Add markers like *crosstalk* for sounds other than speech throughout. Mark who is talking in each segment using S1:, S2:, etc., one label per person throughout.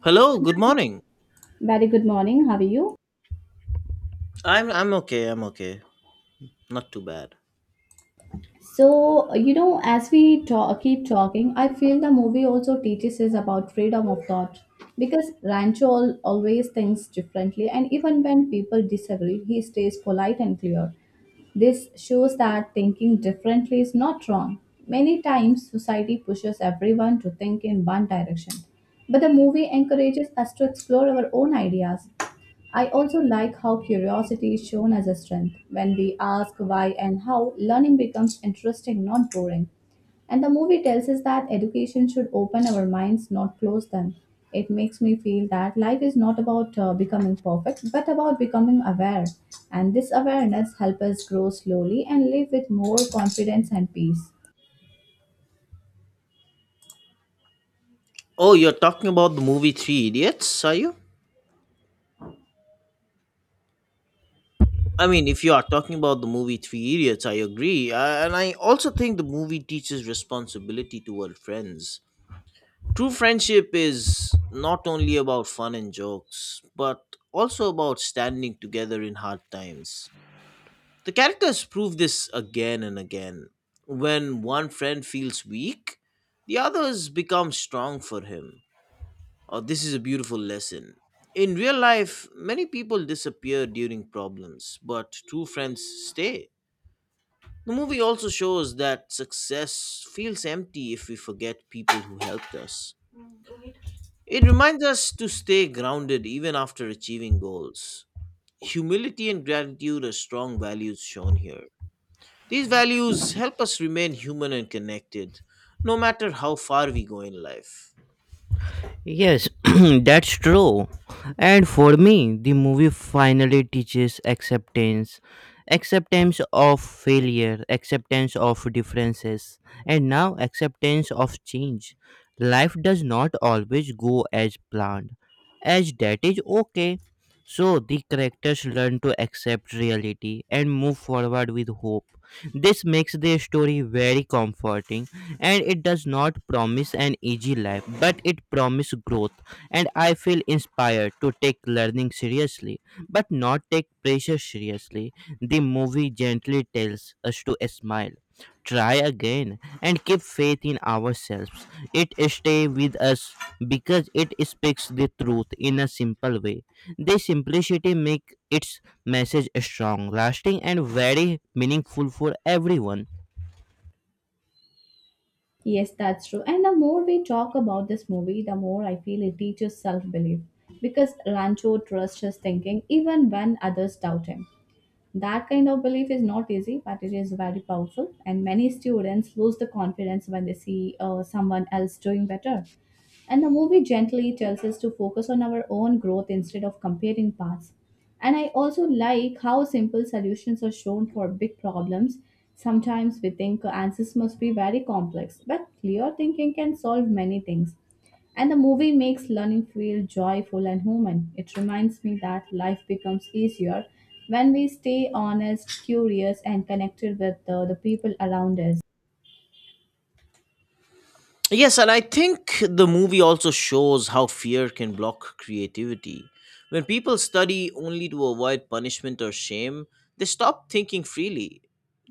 S1: Hello, good morning.
S2: Very good morning. How are you?
S1: I'm okay. I'm okay. Not too bad.
S2: As we talk, keep talking, I feel the movie also teaches us about freedom of thought because Rancho always thinks differently, and even when people disagree, he stays polite and clear. This shows that thinking differently is not wrong. Many times, society pushes everyone to think in one direction, but the movie encourages us to explore our own ideas. I also like how curiosity is shown as a strength. When we ask why and how, learning becomes interesting, not boring. And the movie tells us that education should open our minds, not close them. It makes me feel that life is not about becoming perfect, but about becoming aware. And this awareness helps us grow slowly and live with more confidence and peace.
S1: Oh, you're talking about the movie Three Idiots, are you? I mean, if you are talking about the movie Three Idiots, I agree. And I also think the movie teaches responsibility toward friends. True friendship is not only about fun and jokes, but also about standing together in hard times. The characters prove this again and again. When one friend feels weak, the others become strong for him. Oh, this is a beautiful lesson. In real life, many people disappear during problems, but true friends stay. The movie also shows that success feels empty if we forget people who helped us.
S3: Mm, go ahead.
S1: It reminds us to stay grounded even after achieving goals. Humility and gratitude are strong values shown here. These values help us remain human and connected, no matter how far we go in life.
S3: Yes, *clears throat* that's true. And for me, the movie finally teaches acceptance of failure, acceptance of differences, and now acceptance of change. Life does not always go as planned, as that is okay. So the characters learn to accept reality and move forward with hope. This makes the story very comforting, and it does not promise an easy life but it promises growth, and I feel inspired to take learning seriously but not take pressure seriously. The movie gently tells us to smile, try again, and keep faith in ourselves. It stays with us because it speaks the truth in a simple way. The simplicity makes its message strong, lasting, and very meaningful for everyone.
S2: Yes, that's true. And the more we talk about this movie, the more I feel it teaches self belief. Because Rancho trusts his thinking even when others doubt him. That kind of belief is not easy, but it is very powerful. And many students lose the confidence when they see someone else doing better. And the movie gently tells us to focus on our own growth instead of comparing paths. And I also like how simple solutions are shown for big problems. Sometimes we think answers must be very complex, but clear thinking can solve many things. And the movie makes learning feel joyful and human. It reminds me that life becomes easier when we stay honest, curious, and connected with the people around us.
S1: Yes, and I think the movie also shows how fear can block creativity. When people study only to avoid punishment or shame, they stop thinking freely.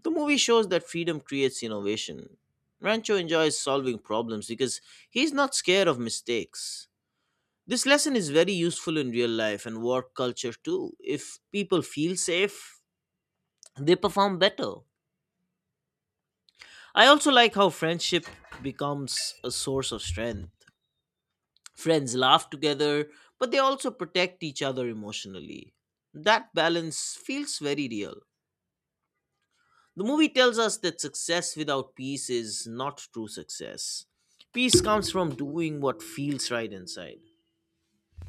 S1: The movie shows that freedom creates innovation. Rancho enjoys solving problems because he's not scared of mistakes. This lesson is very useful in real life and work culture too. If people feel safe, they perform better. I also like how friendship becomes a source of strength. Friends laugh together, but they also protect each other emotionally. That balance feels very real. The movie tells us that success without peace is not true success. Peace comes from doing what feels right inside.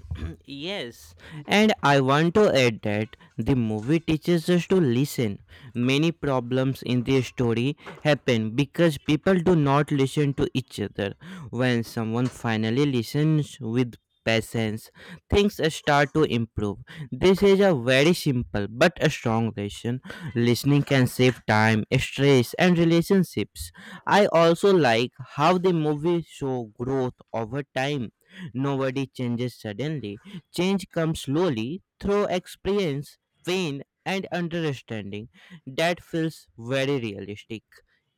S3: *clears throat* Yes, and I want to add that the movie teaches us to listen. Many problems in the story happen because people do not listen to each other. When someone finally listens with patience, things start to improve. This is a very simple but a strong lesson. Listening can save time, stress, and relationships. I also like how the movie show growth over time. Nobody changes suddenly. Change comes slowly through experience, pain, and understanding. That feels very realistic.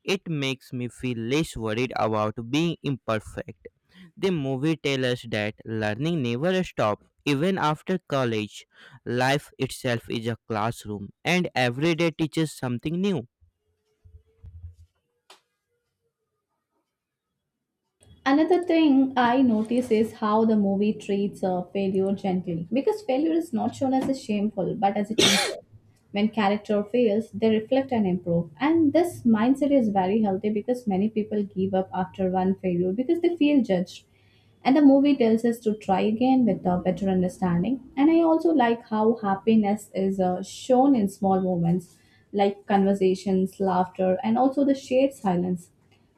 S3: It makes me feel less worried about being imperfect. The movie tells us that learning never stops. Even after college, life itself is a classroom, and every day teaches something new.
S2: Another thing I notice is how the movie treats failure gently because failure is not shown as a shameful but as a teacher. When character fails, they reflect and improve. And this mindset is very healthy because many people give up after one failure because they feel judged. And the movie tells us to try again with a better understanding. And I also like how happiness is shown in small moments like conversations, laughter, and also the shared silence.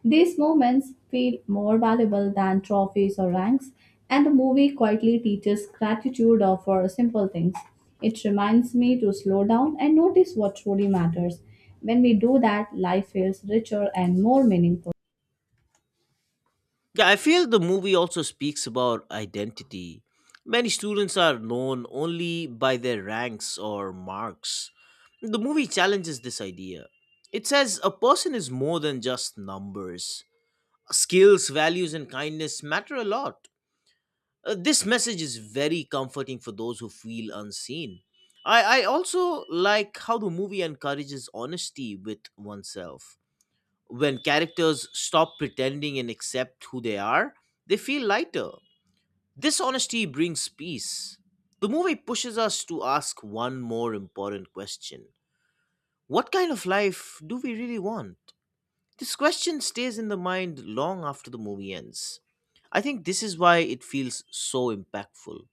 S2: These moments feel more valuable than trophies or ranks, and the movie quietly teaches gratitude for simple things. It reminds me to slow down and notice what truly matters. When we do that, life feels richer and more meaningful.
S1: Yeah, I feel the movie also speaks about identity. Many students are known only by their ranks or marks. The movie challenges this idea. It says a person is more than just numbers. Skills, values, and kindness matter a lot. This message is very comforting for those who feel unseen. I also like how the movie encourages honesty with oneself. When characters stop pretending and accept who they are, they feel lighter. This honesty brings peace. The movie pushes us to ask one more important question. What kind of life do we really want? This question stays in the mind long after the movie ends. I think this is why it feels so impactful.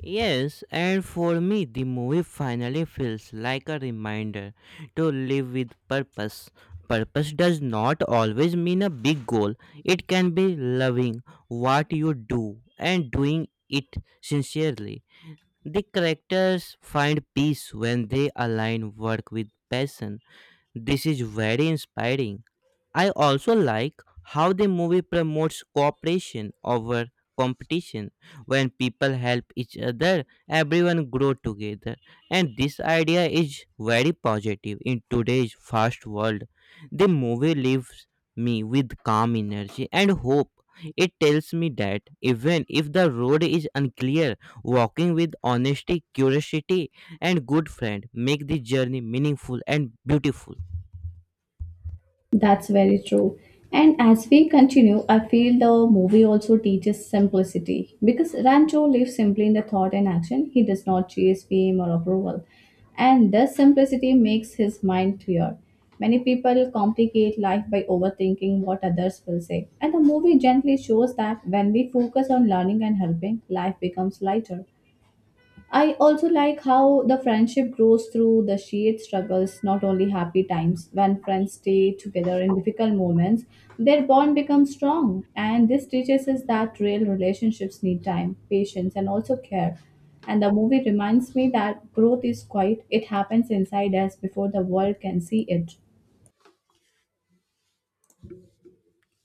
S3: Yes, and for me, the movie finally feels like a reminder to live with purpose. Purpose does not always mean a big goal, it can be loving what you do and doing it sincerely. The characters find peace when they align work with passion. This is very inspiring. I also like how the movie promotes cooperation over competition. When people help each other, everyone grow together. And this idea is very positive in today's fast world. The movie leaves me with calm energy and hope. It tells me that even if the road is unclear, walking with honesty, curiosity, and good friend make the journey meaningful and beautiful.
S2: That's very true. And as we continue, I feel the movie also teaches simplicity because Rancho lives simply in the thought and action. He does not chase fame or approval. And this simplicity makes his mind clear. Many people complicate life by overthinking what others will say. And the movie gently shows that when we focus on learning and helping, life becomes lighter. I also like how the friendship grows through the shared struggles, not only happy times. When friends stay together in difficult moments, their bond becomes strong. And this teaches us that real relationships need time, patience, and also care. And the movie reminds me that growth is quiet, it happens inside us before the world can see it.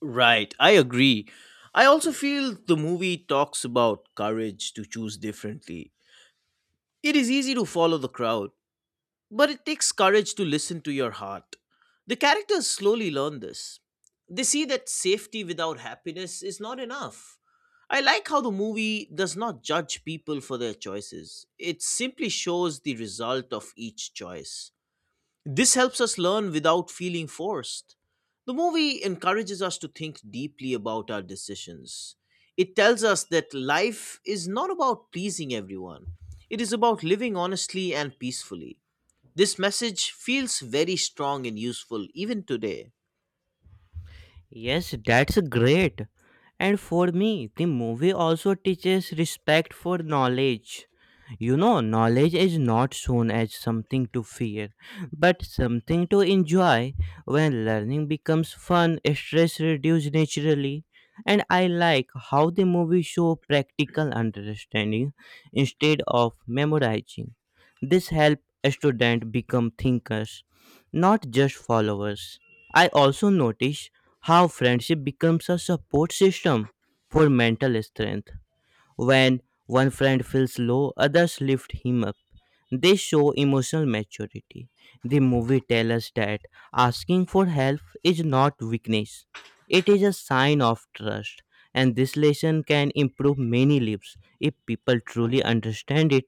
S1: Right, I agree. I also feel the movie talks about courage to choose differently. It is easy to follow the crowd, but it takes courage to listen to your heart. The characters slowly learn this. They see that safety without happiness is not enough. I like how the movie does not judge people for their choices. It simply shows the result of each choice. This helps us learn without feeling forced. The movie encourages us to think deeply about our decisions. It tells us that life is not about pleasing everyone. It is about living honestly and peacefully. This message feels very strong and useful even today.
S3: Yes, that's great. And for me, the movie also teaches respect for knowledge. You know knowledge is not shown as something to fear, but something to enjoy. When learning becomes fun, stress reduces naturally. And I like how the movie show practical understanding instead of memorizing. This helps students become thinkers, not just followers. I also notice how friendship becomes a support system for mental strength. When one friend feels low, others lift him up. They show emotional maturity. The movie tells us that asking for help is not weakness, it is a sign of trust. And this lesson can improve many lives if people truly understand it.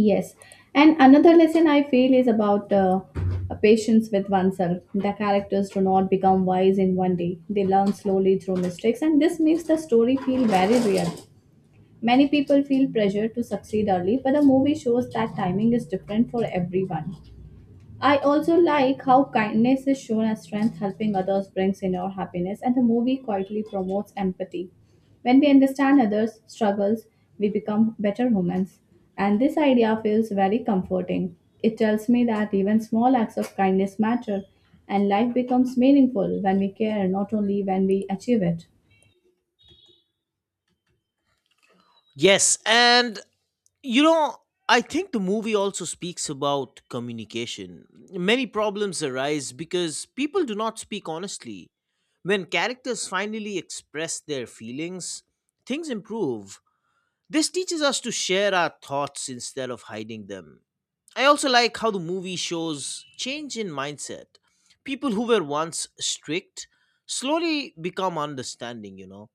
S2: Yes. And another lesson I feel is about patience with oneself. The characters do not become wise in one day, they learn slowly through mistakes, and this makes the story feel very real. Many people feel pressure to succeed early, but the movie shows that timing is different for everyone. I also like how kindness is shown as strength, helping others brings inner happiness, and the movie quietly promotes empathy. When we understand others' struggles, we become better humans. And this idea feels very comforting. It tells me that even small acts of kindness matter, and life becomes meaningful when we care, not only when we achieve it.
S1: Yes, and you know, I think the movie also speaks about communication. Many problems arise because people do not speak honestly. When characters finally express their feelings, things improve. This teaches us to share our thoughts instead of hiding them. I also like how the movie shows change in mindset. People who were once strict slowly become understanding.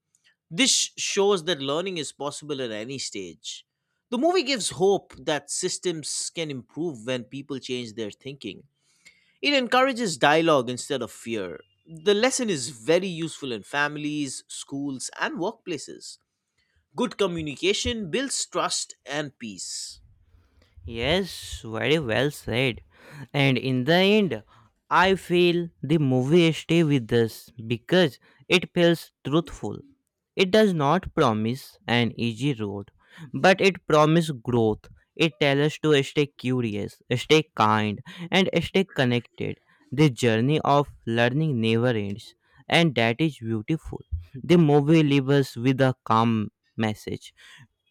S1: This shows that learning is possible at any stage. The movie gives hope that systems can improve when people change their thinking. It encourages dialogue instead of fear. The lesson is very useful in families, schools, and workplaces. Good communication builds trust and peace.
S3: Yes, very well said. And in the end, I feel the movie stay with us because it feels truthful. It does not promise an easy road, but it promises growth. It tells us to stay curious, stay kind, and stay connected. The journey of learning never ends, and that is beautiful. The movie leaves us with a calm message: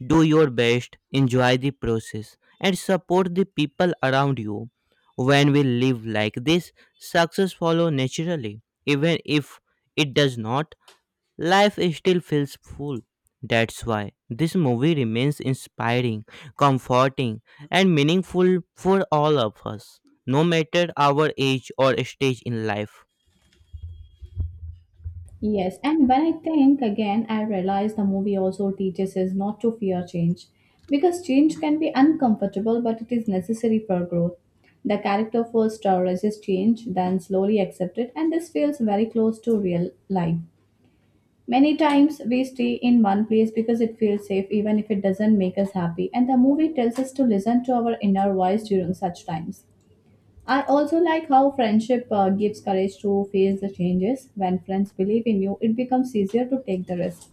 S3: do your best, enjoy the process, and support the people around you. When we live like this, success follows naturally. Even if it does not, life still feels full. That's why this movie remains inspiring, comforting, and meaningful for all of us, no matter our age or stage in life.
S2: Yes, and when I think again, I realize the movie also teaches us not to fear change because change can be uncomfortable but it is necessary for growth. The character first resists change, then slowly accepts it, and this feels very close to real life. Many times we stay in one place because it feels safe, even if it doesn't make us happy, and the movie tells us to listen to our inner voice during such times. I also like how friendship gives courage to face the changes. When friends believe in you, it becomes easier to take the risk.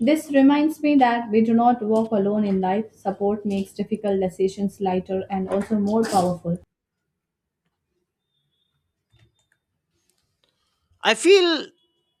S2: This reminds me that we do not walk alone in life. Support makes difficult decisions lighter and also more powerful.
S1: I feel,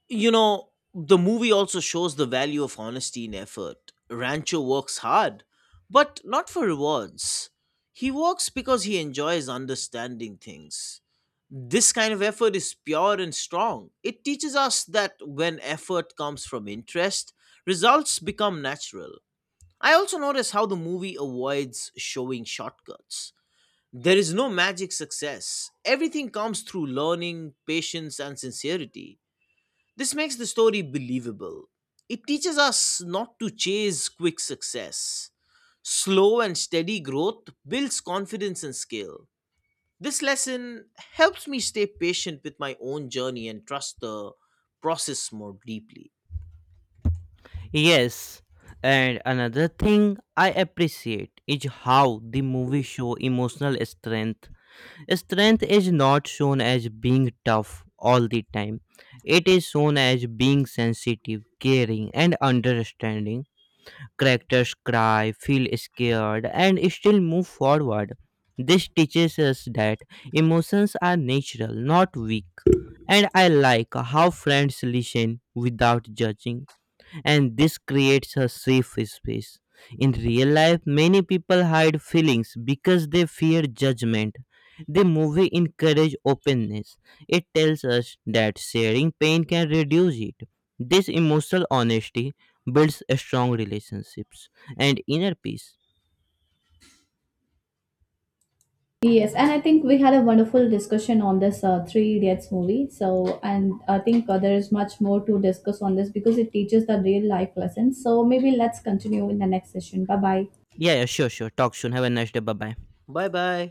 S1: you know, the movie also shows the value of honesty and effort. Rancho works hard, but not for rewards. He works because he enjoys understanding things. This kind of effort is pure and strong. It teaches us that when effort comes from interest, results become natural. I also notice how the movie avoids showing shortcuts. There is no magic success. Everything comes through learning, patience, and sincerity. This makes the story believable. It teaches us not to chase quick success. Slow and steady growth builds confidence and skill. This lesson helps me stay patient with my own journey and trust the process more deeply.
S3: Yes, and another thing I appreciate is how the movie show emotional strength. Strength is not shown as being tough all the time. It is shown as being sensitive, caring, and understanding. Characters cry, feel scared, and still move forward. This teaches us that emotions are natural, not weak. And I like how friends listen without judging, and this creates a safe space. In real life, many people hide feelings because they fear judgment. The movie encourages openness. It tells us that sharing pain can reduce it. This emotional honesty builds strong relationships and inner peace.
S2: Yes, and I think we had a wonderful discussion on this Three Idiots movie. So, and I think there is much more to discuss on this because it teaches the real life lessons. So, maybe let's continue in the next session. Bye bye.
S3: Yeah, yeah, sure, sure. Talk soon. Have a nice day. Bye bye.
S1: Bye bye.